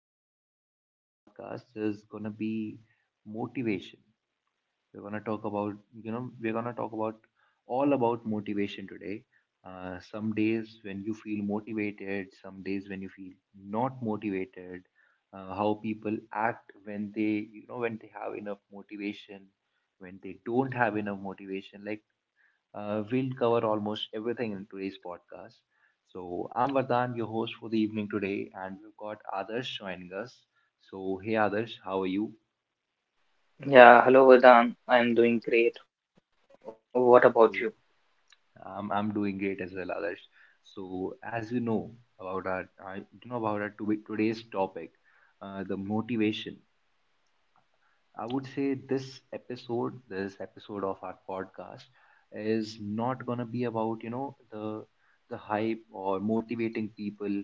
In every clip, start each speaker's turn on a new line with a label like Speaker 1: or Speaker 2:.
Speaker 1: So today's podcast is gonna be motivation. We're gonna talk about you know we're gonna talk about all about motivation today. Some days when you feel motivated, some days when you feel not motivated. How people act when they when they have enough motivation, when they don't have enough motivation. We'll cover almost everything in today's podcast. So I'm Vardhan, your host for the evening today, and we've got Adarsh joining us. So hey Adarsh, how are you?
Speaker 2: Yeah, hello Vardhan. I'm doing great. What about you?
Speaker 1: So I'm doing great as well, Adarsh. So, as you know about I about our today's topic, the motivation. I would say this episode of our podcast, is not gonna be about the hype or motivating people.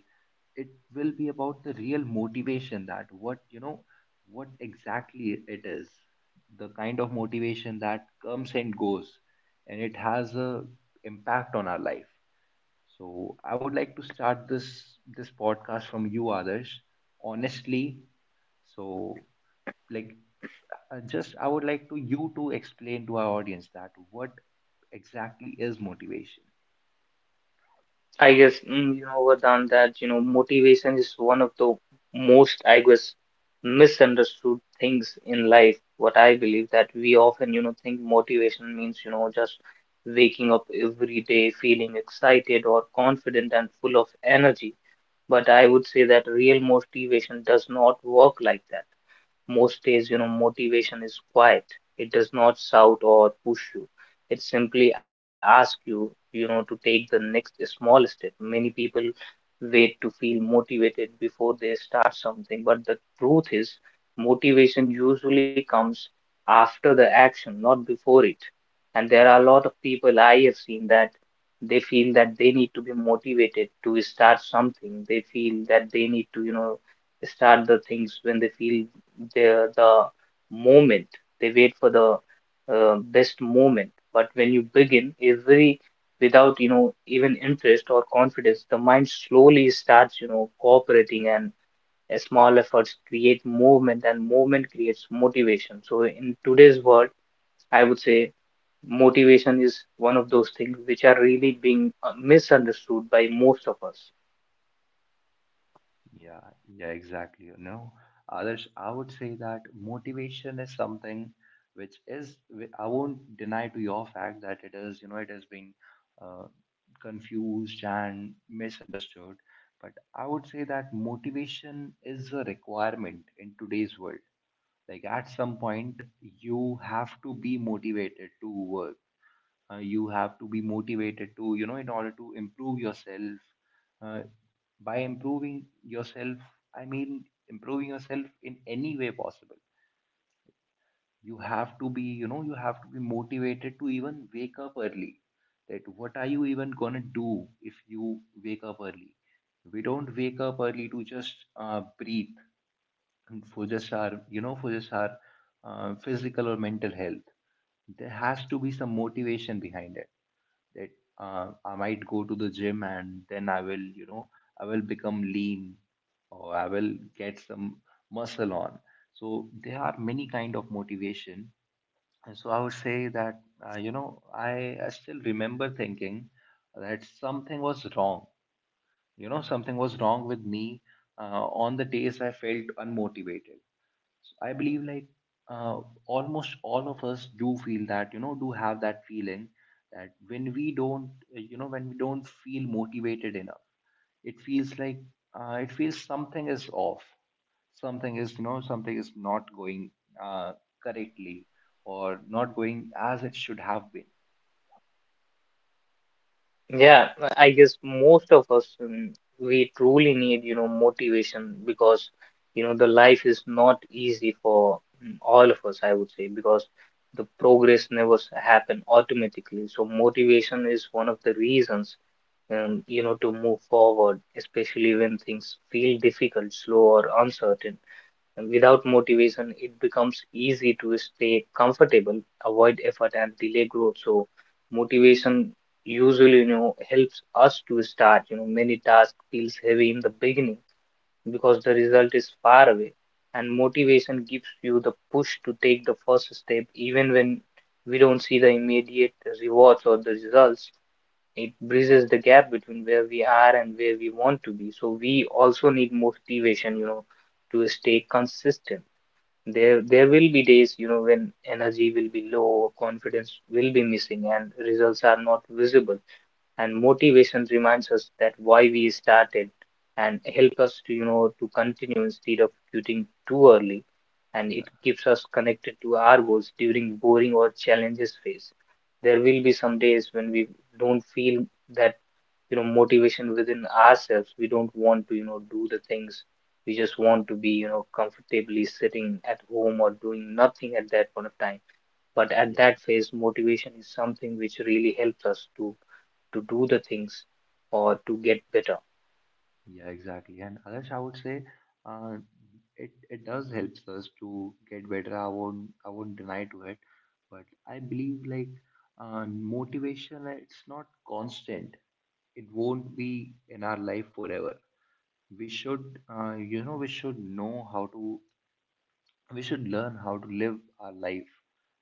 Speaker 1: It will be about the real motivation that what you know what exactly it is, the kind of motivation that comes and goes, and it has a impact on our life. So I would like to start this podcast from you, Adarsh, honestly. So like just I would like to you to explain to our audience that what exactly is motivation.
Speaker 2: You know Vardhan that motivation is one of the most misunderstood things in life. What I believe that we often think motivation means just waking up every day feeling excited or confident and full of energy. But I would say that real motivation does not work like that. Most days, you know, motivation is quiet. It does not shout or push you. It simply asks you, you know, to take the next small step. Many people wait to feel motivated before they start something. But the truth is, motivation usually comes after the action, not before it. And there are a lot of people I have seen that they feel that they need to be motivated to start something. They feel that they need to, you know, start the things when they feel the moment. They wait for the best moment. But when you begin, every without even interest or confidence, the mind slowly starts cooperating, and small efforts create movement, and movement creates motivation. So in today's world, I would say motivation is one of those things which are really being misunderstood by most of us.
Speaker 1: Yeah, yeah, exactly. You know, Others, I would say that motivation is something which is, I won't deny to your fact that it is, it is being uh, confused and misunderstood. But I would say that motivation is a requirement in today's world. Like at some point, you have to be motivated to work. You have to be motivated to in order to improve yourself. Uh, by improving yourself I mean Improving yourself in any way possible, you have to be you know you have to be motivated to even wake up early. That what are you even going to do if you wake up early? We don't wake up early to just breathe and for just our you know for just our physical or mental health. There has to be some motivation behind it, that I might go to the gym and then I will, you know, I will become lean or I will get some muscle on. So there are many kind of motivation. And so I would say that, you know, I still remember thinking that something was wrong. You know, something was wrong with me on the days I felt unmotivated. So I believe almost all of us do feel that, you know, do have that feeling that when we don't, you know, when we don't feel motivated enough, it feels like it feels something is off. Something is, you know, something is not going uh, correctly or not going as it should have been.
Speaker 2: Yeah, I guess most of us, we truly need, you know, motivation because, you know, the life is not easy for all of us, I would say, because the progress never happen automatically. So motivation is one of the reasons, you know, to move forward, especially when things feel difficult, slow, or uncertain. And without motivation, it becomes easy to stay comfortable, avoid effort, and delay growth. So, motivation usually, you know, helps us to start. You know, many tasks feels heavy in the beginning because the result is far away, and motivation gives you the push to take the first step, even when we don't see the immediate rewards or the results. It bridges the gap between where we are and where we want to be. So we also need motivation, you know, to stay consistent. There will be days, you know, when energy will be low, confidence will be missing, and results are not visible, and motivation reminds us that why we started and help us to you know to continue instead of quitting too early, and it
Speaker 1: Yeah.
Speaker 2: keeps us connected to our goals during boring or challenges phase. There will be some days when we don't feel that, you know, motivation within ourselves. We don't want to, you know, do the things. We just want to be, you know, comfortably sitting at home or doing nothing at that point of time. But at
Speaker 1: Yeah.
Speaker 2: that phase, motivation is something which really helps us to do the things or to get better.
Speaker 1: Yeah, exactly. And Adarsh, I would say uh, it does helps us to get better. I won't deny to it, but I believe motivation, it's not constant. It won't be in our life forever. We should, you know, we should know how to. We should learn how to live our life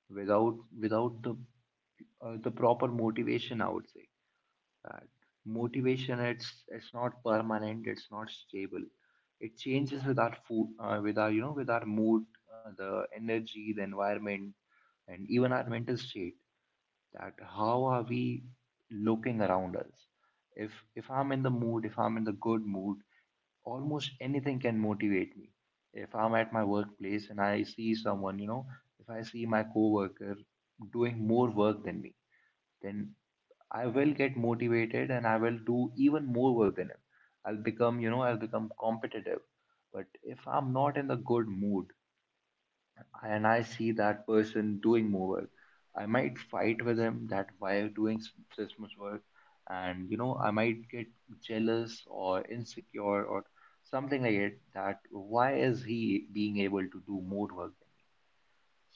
Speaker 1: without the the proper motivation. I would say that motivation, it's not permanent, it's not stable. It changes with our food, with our you know with our mood, the energy, the environment, and even our mental state, that how are we looking around us. If I'm in the mood, if I'm in the good mood, almost anything can motivate me. If I'm at my workplace and I see someone, if I see my coworker doing more work than me, then I will get motivated and I will do even more work than him. I'll become, you know, I'll become competitive. But if I'm not in the good mood and I see that person doing more work, I might fight with him that why you're doing this much work. And, you know, I might get jealous or insecure or something like it, that why is he being able to do more work than.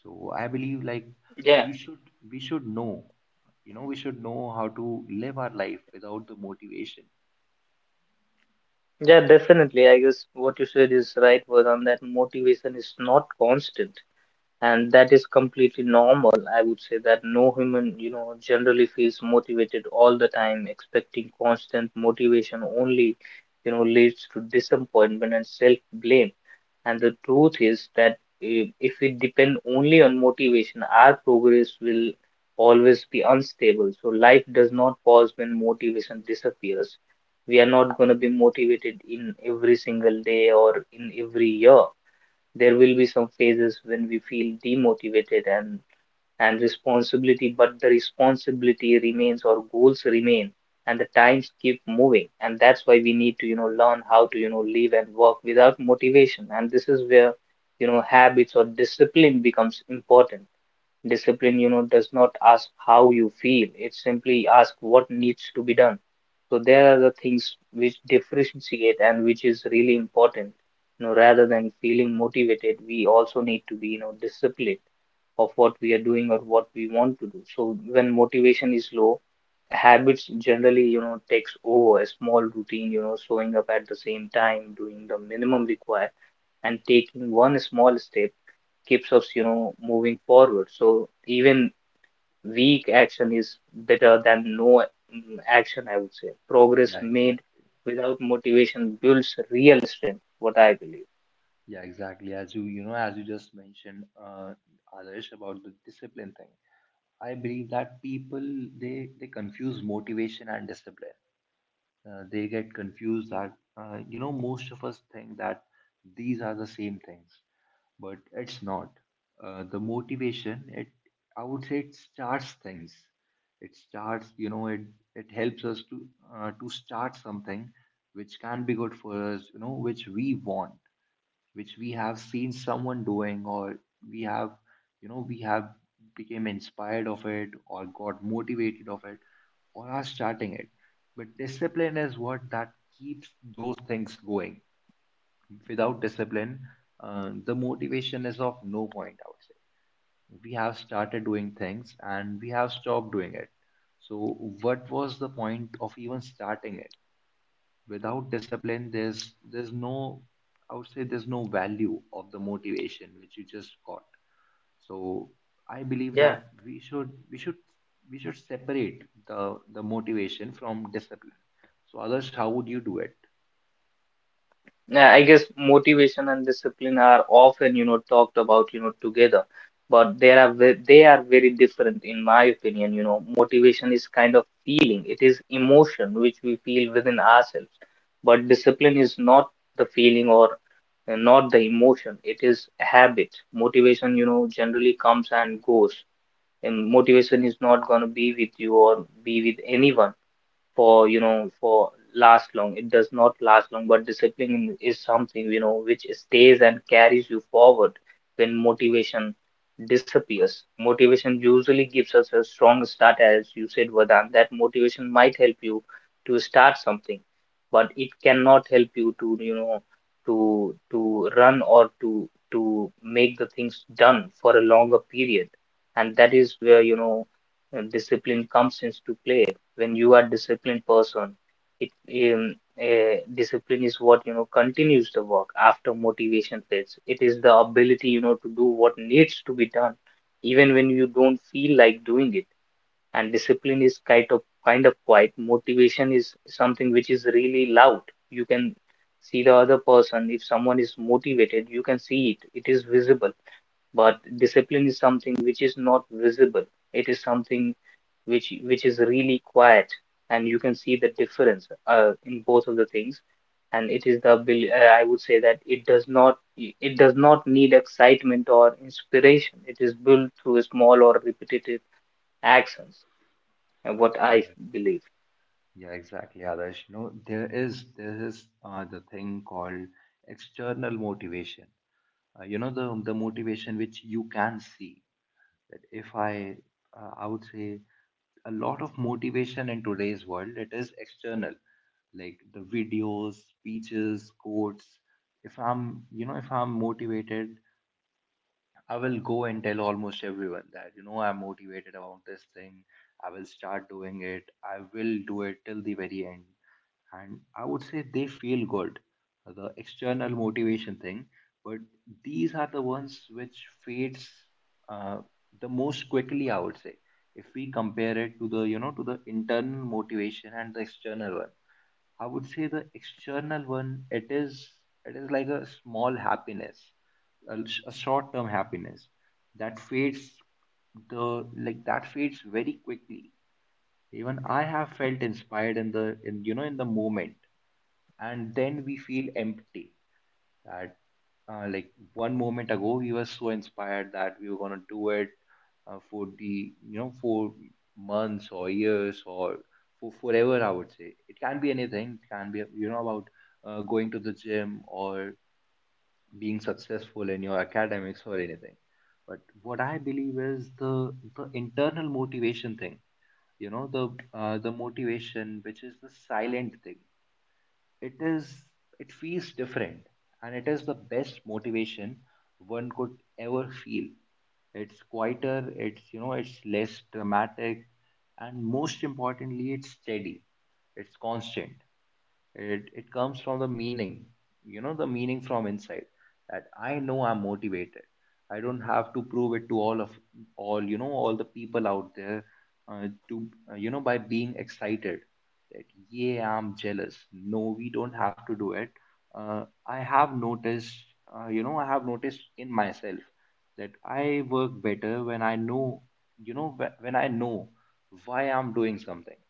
Speaker 1: So I believe like
Speaker 2: Yeah,
Speaker 1: we should know, you know, we should know how to live our life without the motivation.
Speaker 2: yeah, definitely. I guess what you said is right, Vedant, that motivation is not constant. And that is completely normal. I would say that no human, you know, generally feels motivated all the time. Expecting constant motivation only, you know, leads to disappointment and self blame. And the truth is that if we depend only on motivation, our progress will always be unstable. So life does not pause when motivation disappears. We are not going to be motivated in every single day or in every year. There will be some phases when we feel demotivated and responsibility, but the responsibility remains, our goals remain, and the times keep moving. And that's why we need to, you know, learn how to, you know, live and work without motivation. And this is where, you know, habits or discipline becomes important. Discipline, you know, does not ask how you feel. It simply asks what needs to be done. So there are the things which differentiate and which is really important. You know, rather than feeling motivated, we also need to be, you know, disciplined of what we are doing or what we want to do. So when motivation is low, habits generally, you know, takes over. A small routine, you know, showing up at the same time, doing the minimum required and taking one small step, keeps us, you know, moving forward. So even weak action is better than no action, I would say.
Speaker 1: Yeah,
Speaker 2: Progress made
Speaker 1: exactly.
Speaker 2: without motivation builds real strength, what I believe.
Speaker 1: Yeah, exactly. As you just mentioned, Adarsh, about the discipline thing. I believe that people, they confuse motivation and discipline. They get confused that you know, most of us think that these are the same things, but it's not. The motivation, it I would say it starts things. It starts, it helps us to start something which can be good for us, you know, which we want, which we have seen someone doing, or we have you know we have became inspired of it or got motivated of it or are starting it. But discipline is what that keeps those things going. Without discipline, the motivation is of no point, I would say. We have started doing things and we have stopped doing it, so what was the point of even starting it? Without discipline, there's no I would say there's no value of the motivation which you just got. So I believe
Speaker 2: Yeah.
Speaker 1: that we should we should we should separate the motivation from discipline. So others, how would you do it?
Speaker 2: Yeah, I guess motivation and discipline are often, you know, talked about, you know, together, but they are very different in my opinion. You know, motivation is kind of feeling; it is emotion which we feel within ourselves. But discipline is not the feeling or not the emotion; it is a habit. Motivation, you know, generally comes and goes, and motivation is not going to be with you or be with anyone for, you know, for last long. It does not last long. But discipline is something, you know, which stays and carries you forward when motivation disappears. Motivation usually gives us a strong start, as you said, Vadan, that motivation might help you to start something, but it cannot help you to, you know, to run or to make the things done for a longer period. And that is where, you know, discipline comes into play. When you are disciplined person, it um, discipline is what, you know, continues the work after motivation fades. It is the ability, you know, to do what needs to be done even when you don't feel like doing it. And discipline is kind of quiet. Motivation is something which is really loud. You can see the other person. If someone is motivated, you can see it, it is visible. But discipline is something which is not visible. It is something which is really quiet. And you can see the difference in both of the things. And it is the I would say that it does not, it does not need excitement or inspiration. It is built through small or repetitive actions, what
Speaker 1: Yeah,
Speaker 2: I believe.
Speaker 1: yeah, exactly. Others, you know, there is the thing called external motivation. You know, the motivation which you can see. That if I I would say a lot of motivation in today's world, it is external, like the videos, speeches, quotes. If I'm motivated, I will go and tell almost everyone that, you know, I'm motivated about this thing. I will start doing it. I will do it till the very end. And I would say they feel good, the external motivation thing. But these are the ones which fades uh, the most quickly, I would say, if we compare it to the, you know, to the internal motivation and the external one. I would say the external one, it is like a small happiness, a, a short-term happiness that fades the like that fades very quickly. Even I have felt inspired in the in you know in the moment, and then we feel empty, that like one moment ago we were so inspired that we were going to do it for the you know for months or years or for forever. I would say it can be anything. It can be, you know, about going to the gym or being successful in your academics or anything. But what I believe is the internal motivation thing, you know, the motivation which is the silent thing. It is it feels different, and it is the best motivation one could ever feel. It's quieter, it's, you know, it's less dramatic, and most importantly it's steady, it's constant. It comes from the meaning, you know, the meaning from inside, that I know I'm motivated. I don't have to prove it to all of all you know all the people out there, to you know, by being excited that yeah, I'm jealous. No, we don't have to do it. I have noticed you know, I have noticed in myself that I work better when I know, when I know why I'm doing something.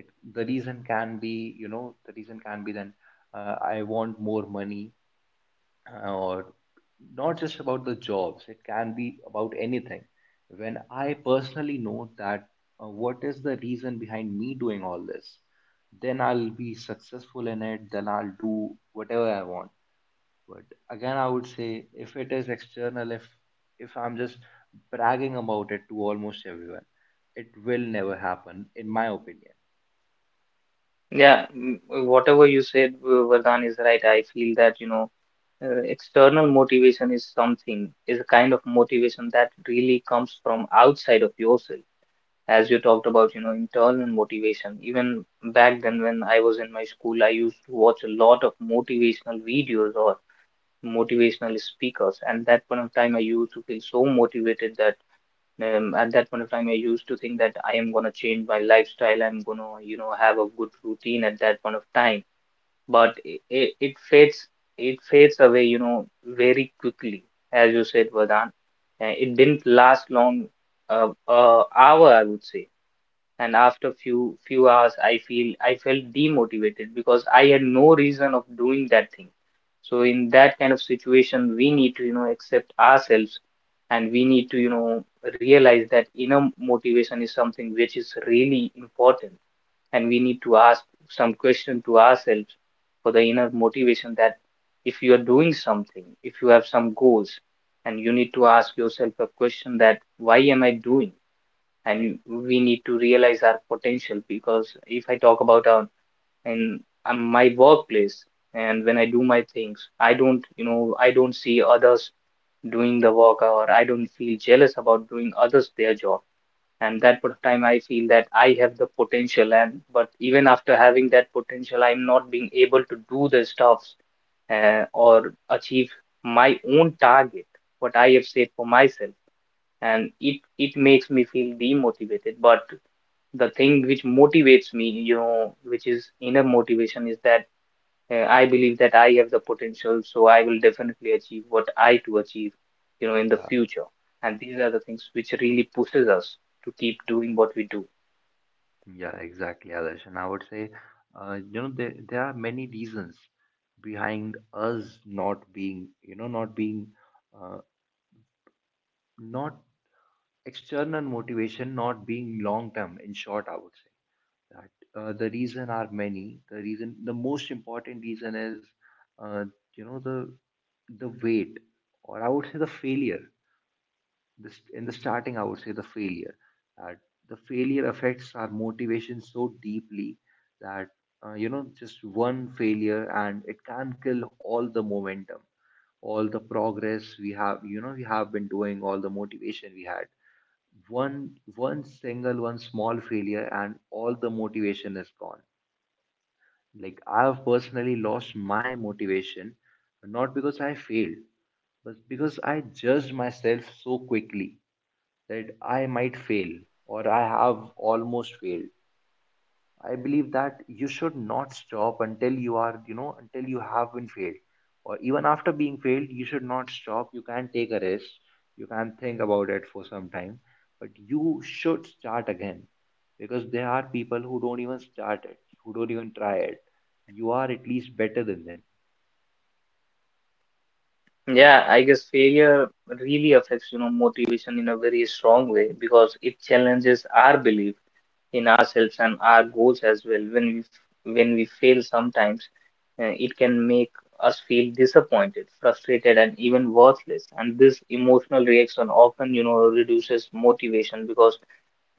Speaker 1: It the reason can be you know The reason can be then I want more money, or not just about the jobs, it can be about anything. When I personally know that what is the reason behind me doing all this, then I'll be successful in it, then I'll do whatever I want. But again, I would say if it is external, if I'm just bragging about it to almost everyone, it will never happen in my opinion.
Speaker 2: Yeah. Whatever you said, Vardhan, is right. I feel that, you know, external motivation is something, is a kind of motivation that really comes from outside of yourself. As you talked about, you know, internal motivation. Even back then, when I was in my school, I used to watch a lot of motivational videos or motivational speakers. And that point of time, I used to feel so motivated that, at that point of time, I used to think that I am gonna change my lifestyle. I'm gonna, you know, have a good routine at that point of time. But it fades. It fades away, you know, very quickly, as you said, Vardhan. It didn't last long, uh, hour I would say. And after few hours I feel, I felt demotivated because I had no reason of doing that thing. So in that kind of situation, we need to, you know, accept ourselves, and we need to, you know, realize that inner motivation is something which is really important. And we need to ask some question to ourselves for the inner motivation, that if you are doing something, if you have some goals, and you need to ask yourself a question that why am I doing. And we need to realize our potential, because if I talk about our in my workplace, and when I do my things, I don't, you know, I don't see others doing the work, or I don't feel jealous about doing others their job. And that point of time, I feel that I have the potential, and but even after having that potential, I'm not being able to do the stuffs, or achieve my own target, what I have set for myself. And it makes me feel demotivated. But the thing which motivates me, you know, which is inner motivation, is that, I believe that I have the potential, so I will definitely achieve what I to achieve, you know, in the future. And these are the things which really pushes us to keep doing what we do.
Speaker 1: Yeah, exactly, Adarsh. And I would say, you know, there are many reasons behind us not being, you know, not being, uh, not external motivation, not being long term. In short, I would say that the reason are many. The reason, the most important reason is, uh, you know, the weight, or I would say the failure. This in the starting, I would say the failure. uh, the failure affects our motivation so deeply that, you know, just one failure and it can kill all the momentum, all the progress we have, you know, we have been doing, all the motivation we had. One single, one small failure and all the motivation is gone. Like I have personally lost my motivation, not because I failed, but because I judged myself so quickly that I might fail or I have almost failed. I believe that you should not stop until you are, you know, until you have been failed. Or even after being failed, you should not stop. You can take a risk. You can think about it for some time. But you should start again, because there are people who don't even start it, who don't even try it. You are at least better than them.
Speaker 2: Yeah, I guess failure really affects, you know, motivation in a very strong way because it challenges our belief in ourselves and our goals as well. When when we fail sometimes, it can make us feel disappointed, frustrated, and even worthless. And this emotional reaction often, reduces motivation because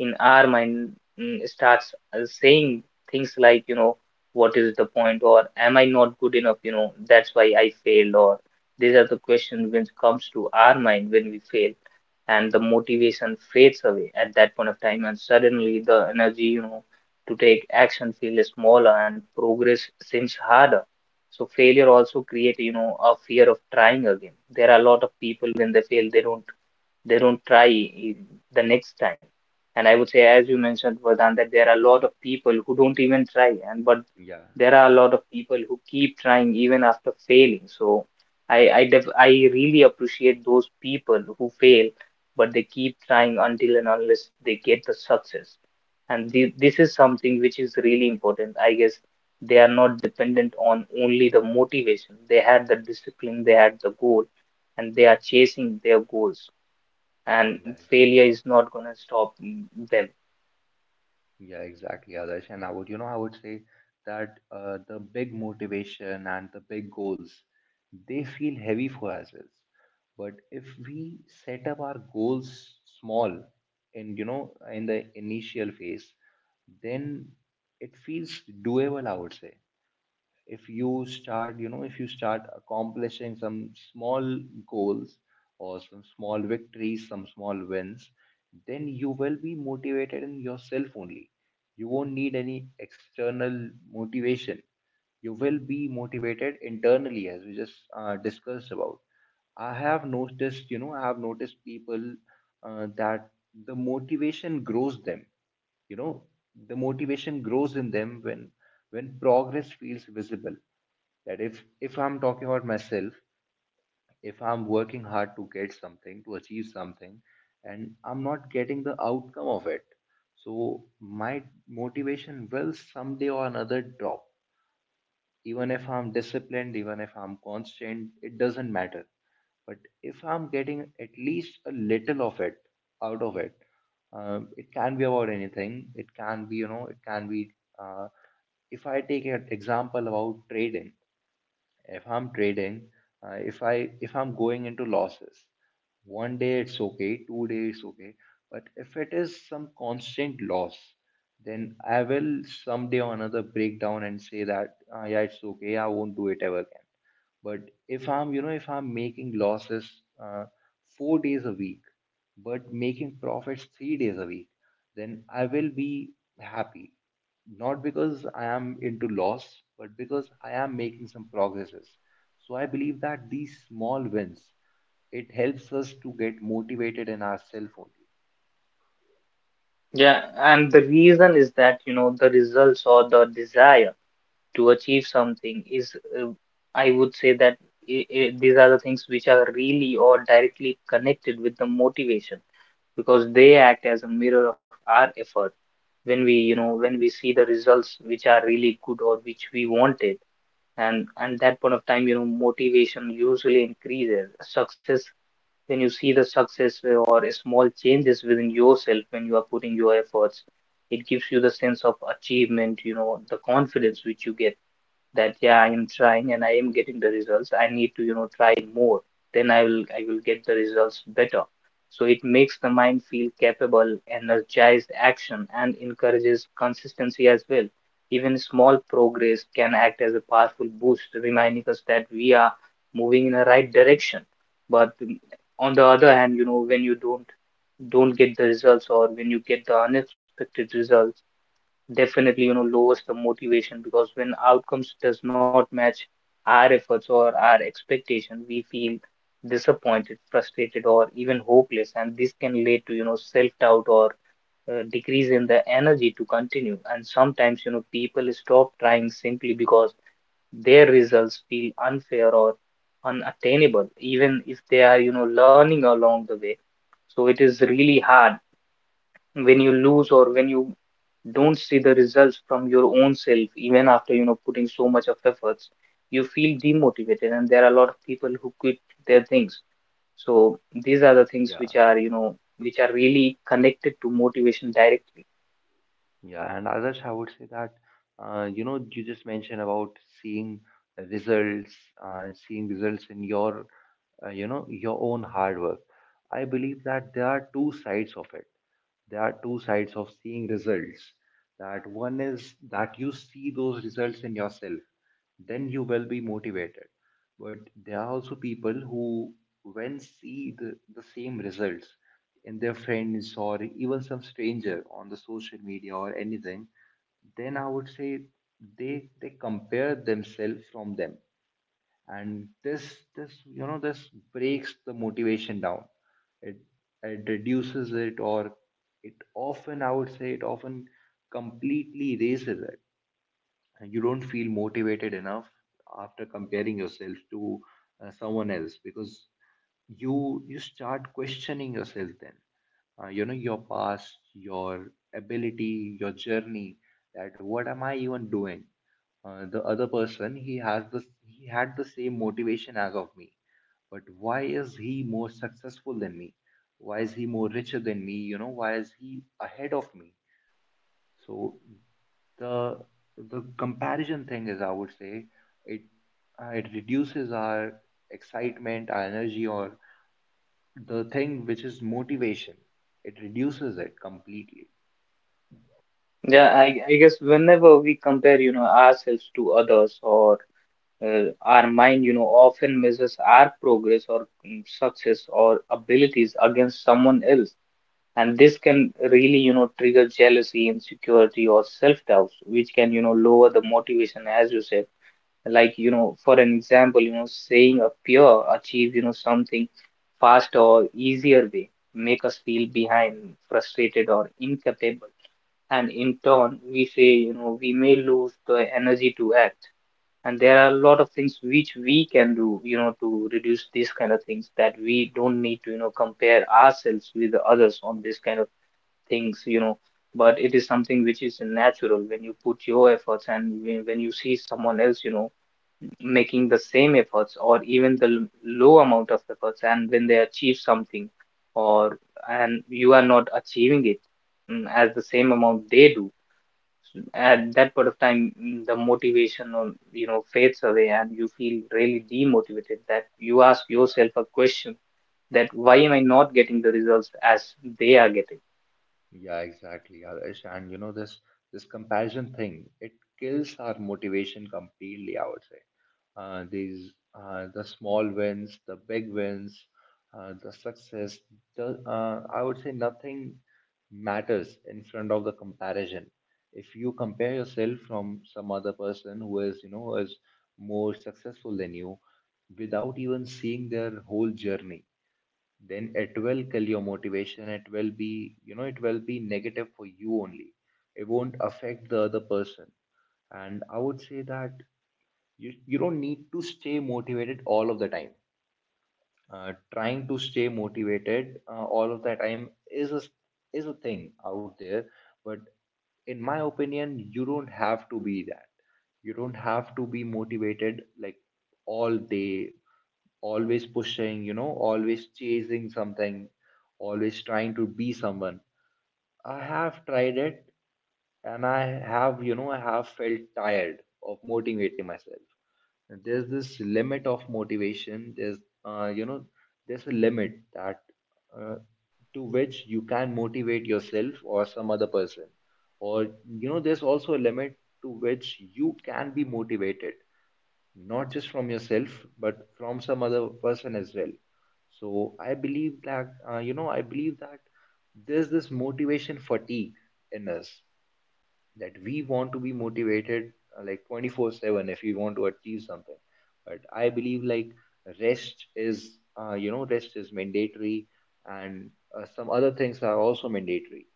Speaker 2: in our mind starts saying things like, what is the point? Or am I not good enough? That's why I failed. Or these are the questions which comes to our mind when we fail, and the motivation fades away at that point of time, and suddenly the energy, to take action, feels smaller and progress seems harder. So failure also create, a fear of trying again. There are a lot of people, when they fail, they don't try i- the next time. And I would say, as you mentioned Vardhan, that there are a lot of people who don't even try, and but
Speaker 1: Yeah,
Speaker 2: there are a lot of people who keep trying even after failing. So I really appreciate those people who fail but they keep trying until and unless they get the success. And this is something which is really important, I guess. They are not dependent on only the motivation. They had the discipline, they had the goal, and they are chasing their goals, and
Speaker 1: yeah, exactly.
Speaker 2: failure is not going to stop them.
Speaker 1: Yeah, exactly, Adarsh. And I would, you know, I would say that, the big motivation and the big goals, they feel heavy for ourselves. But if we set up our goals small in, you know, in the initial phase, then it feels doable, I would say. If you start, you know, if you start accomplishing some small goals or some small victories, some small wins, then you will be motivated in yourself only. You won't need any external motivation, you will be motivated internally, as we just discussed about. I have noticed, you know, I have noticed people, that the motivation grows them, you know, the motivation grows in them when progress feels visible. That if I'm talking about myself, if I'm working hard to get something, to achieve something, and I'm not getting the outcome of it, so my motivation will someday or another drop, even if I'm disciplined, even if I'm constant, it doesn't matter. But if I'm getting at least a little of it, out of it, it can be about anything, it can be, you know, it can be, uh, if I take an example about trading. If I'm trading, if I, if I'm going into losses, one day it's okay, two days it's okay, but if it is some constant loss, then I will someday or another break down and say that, yeah, it's okay, I won't do it ever again. But if I'm, you know, if I'm making losses uh, four days a week, but making profits three days a week, then I will be happy. Not because I am into loss, but because I am making some progresses. So I believe that these small wins, it helps us to get motivated in ourselves only.
Speaker 2: Yeah, and the reason is that, you know, the results or the desire to achieve something is, uh, I would say that I these are the things which are really or directly connected with the motivation, because they act as a mirror of our effort. When we, when we see the results which are really good or which we wanted, and that point of time, you know, motivation usually increases. Success, then you see the success or small changes within yourself when you are putting your efforts. It gives you the sense of achievement, you know, the confidence which you get, that yeah, I am trying and I am getting the results. I need to, you know, try more, then I will get the results better. So it makes the mind feel capable, energized action, and encourages consistency as well. Even small progress can act as a powerful boost, reminding us that we are moving in the right direction. But on the other hand, you know, when you don't get the results, or when you get the unexpected results, definitely, you know, lowers the motivation. Because when outcomes does not match our efforts or our expectation, we feel disappointed, frustrated, or even hopeless. And this can lead to, you know, self doubt or decrease in the energy to continue. And sometimes, you know, people stop trying simply because their results feel unfair or unattainable, even if they are, you know, learning along the way. So it is really hard when you lose or when you don't see the results from your own self even after, you know, putting so much of efforts. You feel demotivated, and there are a lot of people who quit their things. So these are the things which
Speaker 1: Yeah.
Speaker 2: are, you know, which are really connected to motivation directly.
Speaker 1: Yeah, and others, I would say that, you know, you just mentioned about seeing results, seeing results in your, you know, your own hard work. I believe that there are two sides of it. There are two sides of seeing results. That one is that you see those results in yourself, then you will be motivated. But there are also people who, when see the same results in their friends or even some stranger on the social media or anything, then I would say they compare themselves from them. And this, you know, this breaks the motivation down. it it reduces it, or it often, I would say, it often completely erases it. You don't feel motivated enough after comparing yourself to someone else, because you start questioning yourself, then, you know, your past, your ability, your journey. That what am I even doing? The other person, he has the, he had the same motivation as of me, but why is he more successful than me? Why is he more richer than me? You know, why is he ahead of me? So the the comparison thing is, I would say, it, it reduces our excitement, our energy, or the thing which is motivation. It reduces it completely.
Speaker 2: I guess whenever we compare, you know, ourselves to others, or our mind, you know, often measures our progress or success or abilities against someone else. And this can really, you know, trigger jealousy, insecurity, or self-doubts, which can, you know, lower the motivation, as you said. Like, you know, for an example, you know, saying a peer achieve, you know, something fast or easier way, make us feel behind, frustrated, or incapable, and in turn we say, you know, we may lose the energy to act. And there are a lot of things which we can do, you know, to reduce these kind of things, that we don't need to, you know, compare ourselves with others on this kind of things, you know, but it is something which is natural. When you put your efforts, and when you see someone else, you know, making the same efforts, or even the low amount of efforts, and when they achieve something, or and you are not achieving it as the same amount they do, at that point of time, the motivation, or you know, fades away, and you feel really demotivated, that you ask yourself a question, that why am I not getting the results as they are getting?
Speaker 1: Yeah, exactly, Adarsh. And you know, this comparison thing, it kills our motivation completely, I would say. These, the small wins, the big wins, the success, the, I would say nothing matters in front of the comparison. If you compare yourself from some other person who is, you know, is more successful than you, without even seeing their whole journey, then it will kill your motivation. It will be, you know, it will be negative for you only, it won't affect the other person. And I would say that you don't need to stay motivated all of the time. Trying to stay motivated all of the time is a, is a thing out there. But in my opinion, you don't have to be that. You don't have to be motivated like all day, always pushing, you know, always chasing something, always trying to be someone. I have tried it, and I have, you know, I have felt tired of motivating myself. There's this limit of motivation. There's, you know, there's a limit that, uh, to which you can motivate yourself or some other person. Or, you know, there's also a limit to which you can be motivated, not just from yourself but from some other person as well. So I believe that, you know, I believe that there's this motivation fatigue in us, that we want to be motivated like 24/7 if we want to achieve something. But I believe like rest is, you know, rest is mandatory. And some other things are also mandatory.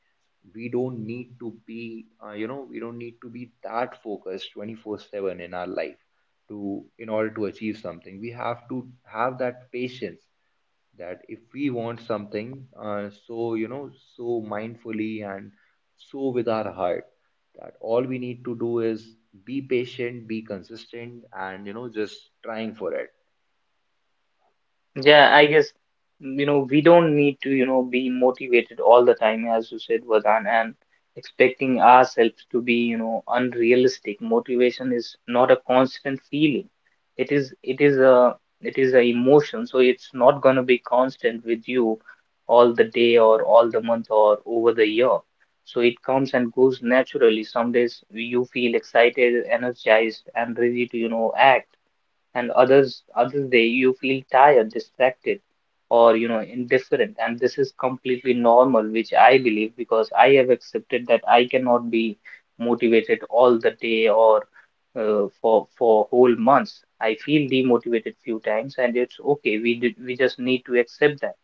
Speaker 1: We don't need to be, you know, we don't need to be that focused 24/7 in our life. To, in order to achieve something, we have to have that patience. That if we want something, so you know, so mindfully, and so with our heart, that all we need to do is be patient, be consistent, and you know, just trying for it.
Speaker 2: Yeah, I guess, you know, we don't need to, you know, be motivated all the time, as you said, Vardhan, and expecting ourselves to be, you know, unrealistic. Motivation is not a constant feeling. It is, it is a, it is a emotion, so it's not going to be constant with you all the day or all the month or over the year. So it comes and goes naturally. Some days you feel excited, energized, and ready to, you know, act, and other day you feel tired, distracted, or you know, indifferent. And this is completely normal, which I believe, because I have accepted that I cannot be motivated all the day or for whole months. I feel demotivated few times, and it's okay. We just need to accept that.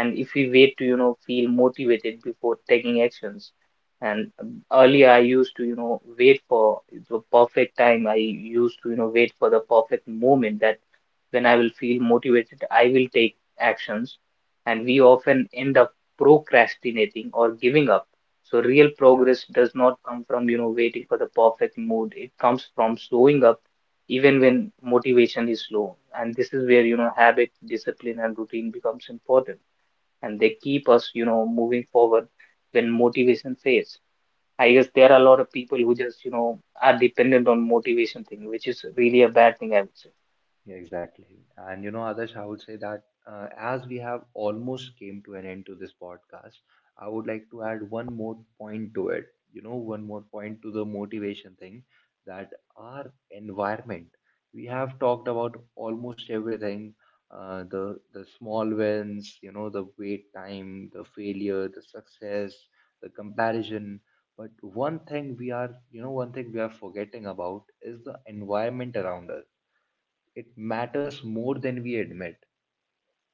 Speaker 2: And if we wait to, you know, feel motivated before taking actions, and earlier I used to, you know, wait for the perfect time. I used to, you know, wait for the perfect moment, that when I will feel motivated I will take actions, and we often end up procrastinating or giving up. So real
Speaker 1: Yeah.
Speaker 2: progress does not come from, you know, waiting for the perfect mood. It comes from showing up even when motivation is low. And this is where, you know, habit, discipline, and routine becomes important, and they keep us, you know, moving forward when motivation fails. I guess there are a lot of people who just, you know, are dependent on motivation thing, which is really a bad thing, I would say.
Speaker 1: Yeah, exactly. And you know, Adarsh, I would say that, as we have almost came to an end to this podcast, I would like to add one more point to it. You know, one more point to the motivation thing. That our environment, we have talked about almost everything, the small wins, you know, the wait time, the failure, the success, the comparison. But one thing we are, you know, one thing we are forgetting about is the environment around us. It matters more than we admit.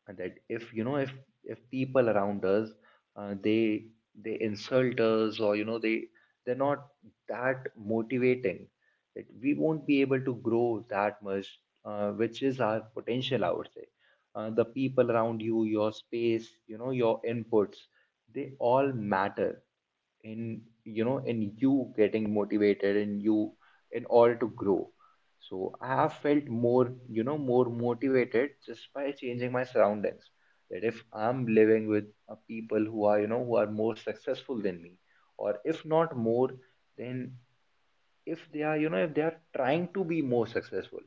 Speaker 1: And that, if you know, if people around us, uh, they they insult us, or you know, they, they're not that motivating, that we won't be able to grow that much, which is our potential, I would say. The people around you, your space, you know, your inputs, they all matter. In, you know, in you getting motivated, in you, in order to grow. So I have felt more, you know, more motivated just by changing my surroundings. That if I'm living with people who are, you know, who are more successful than me, or if not more, then, if they are, you know, if they are trying to be more successful,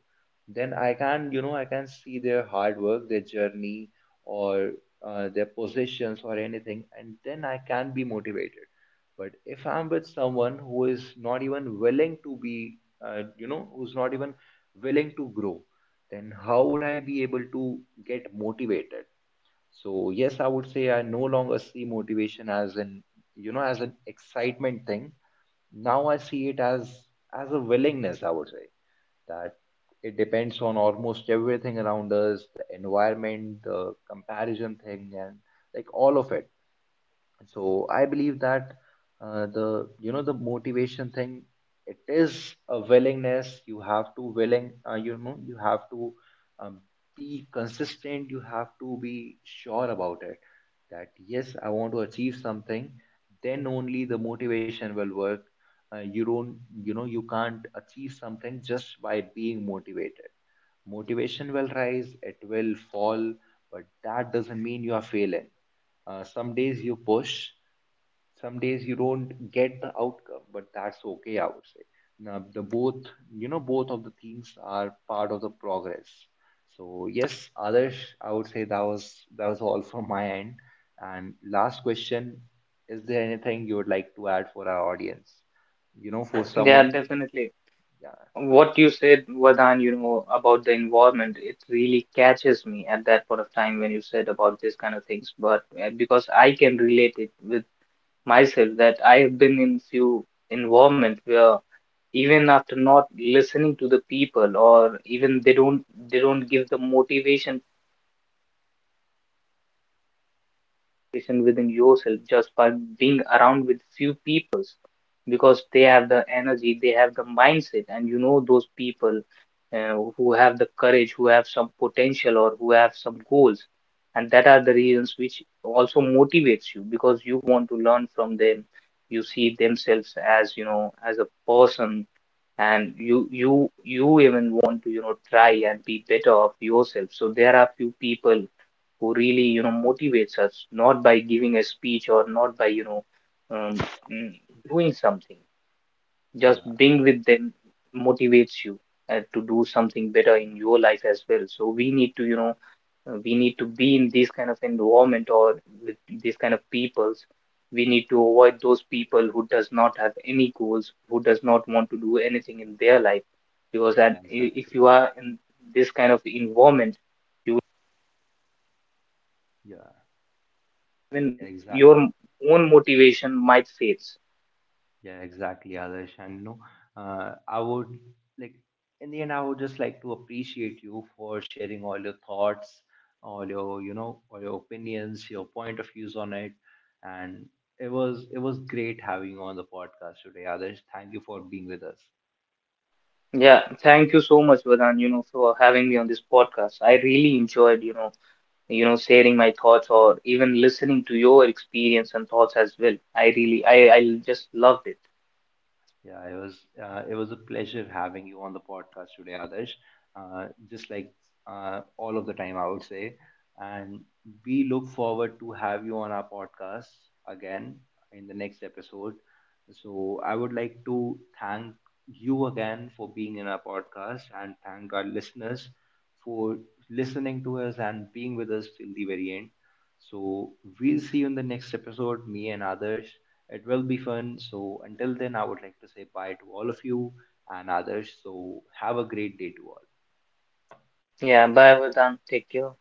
Speaker 1: then I can, you know, I can see their hard work, their journey, or, their positions or anything, and then I can be motivated. But if I'm with someone who is not even willing to be, you know, who's not even willing to grow, then how would I be able to get motivated? So yes, I would say, I no longer see motivation as an, you know, as an excitement thing. Now I see it as a willingness, I would say. That it depends on almost everything around us, the environment, the comparison thing, and like all of it. So I believe that, the, you know, the motivation thing, it is a willingness. You have to willing, you know, you have to, um, be consistent, you have to be sure about it. That yes, I want to achieve something, then only the motivation will work. You don't, you know, you can't achieve something just by being motivated. Motivation will rise, it will fall, but that doesn't mean you are failing. Some days you push, some days you don't get the outcome, but that's okay, I would say. Now, the both, you know, both of the things are part of the progress. So yes, Adarsh, I would say that was, that was all from my end. And last question, is there anything you would like to add for our audience? You know, for
Speaker 2: Yeah,
Speaker 1: someone,
Speaker 2: definitely.
Speaker 1: yeah,
Speaker 2: What you said, Vadan, you know, about the environment, it really catches me at that point of time when you said about these kind of things. But because I can relate it with myself, that I have been in few environment where even after not listening to the people, or even they don't, give the motivation, competition within yourself just by being around with few people. Because they have the energy, they have the mindset, and you know those people who have the courage, who have some potential, or who have some goals, and that are the reasons which also motivates you, because you want to learn from them. You see themselves as, you know, as a person, and you even want to, you know, try and be better of yourself. So there are few people who really, you know, motivates us not by giving a speech or not by, you know, um, mm, doing something, just
Speaker 1: yeah,
Speaker 2: being with them motivates you to do something better in your life as well. So we need to, you know, we need to be in this kind of environment, or with these kind of peoples. We need to avoid those people who does not have any goals, who does not want to do anything in their life. Because
Speaker 1: yeah,
Speaker 2: if
Speaker 1: exactly.
Speaker 2: you are in this kind of environment,
Speaker 1: Yeah,
Speaker 2: even
Speaker 1: exactly.
Speaker 2: your own motivation might fade.
Speaker 1: Yeah, exactly, Adarsh. And no, I would like, in the end, I would just like to appreciate you for sharing all your thoughts, all your, you know, all your opinions, your point of views on it. And it was, it was great having you on the podcast today, Adarsh. Thank you for being with us.
Speaker 2: Yeah, thank you so much, Vedant, you know, for having me on this podcast. I really enjoyed, sharing my thoughts or even listening to your experience and thoughts as well. I really, I just loved it.
Speaker 1: Yeah, it was, it was a pleasure having you on the podcast today, Adarsh. Just like, all of the time, I would say, and we look forward to have you on our podcast again in the next episode. So I would like to thank you again for being in our podcast, and thank our listeners for listening to us and being with us till the very end. So we'll see you in the next episode, me and Adarsh. It will be fun. So until then, I would like to say bye to all of you and others. So have a great day to all.
Speaker 2: Yeah, bye, Vedant. Take care.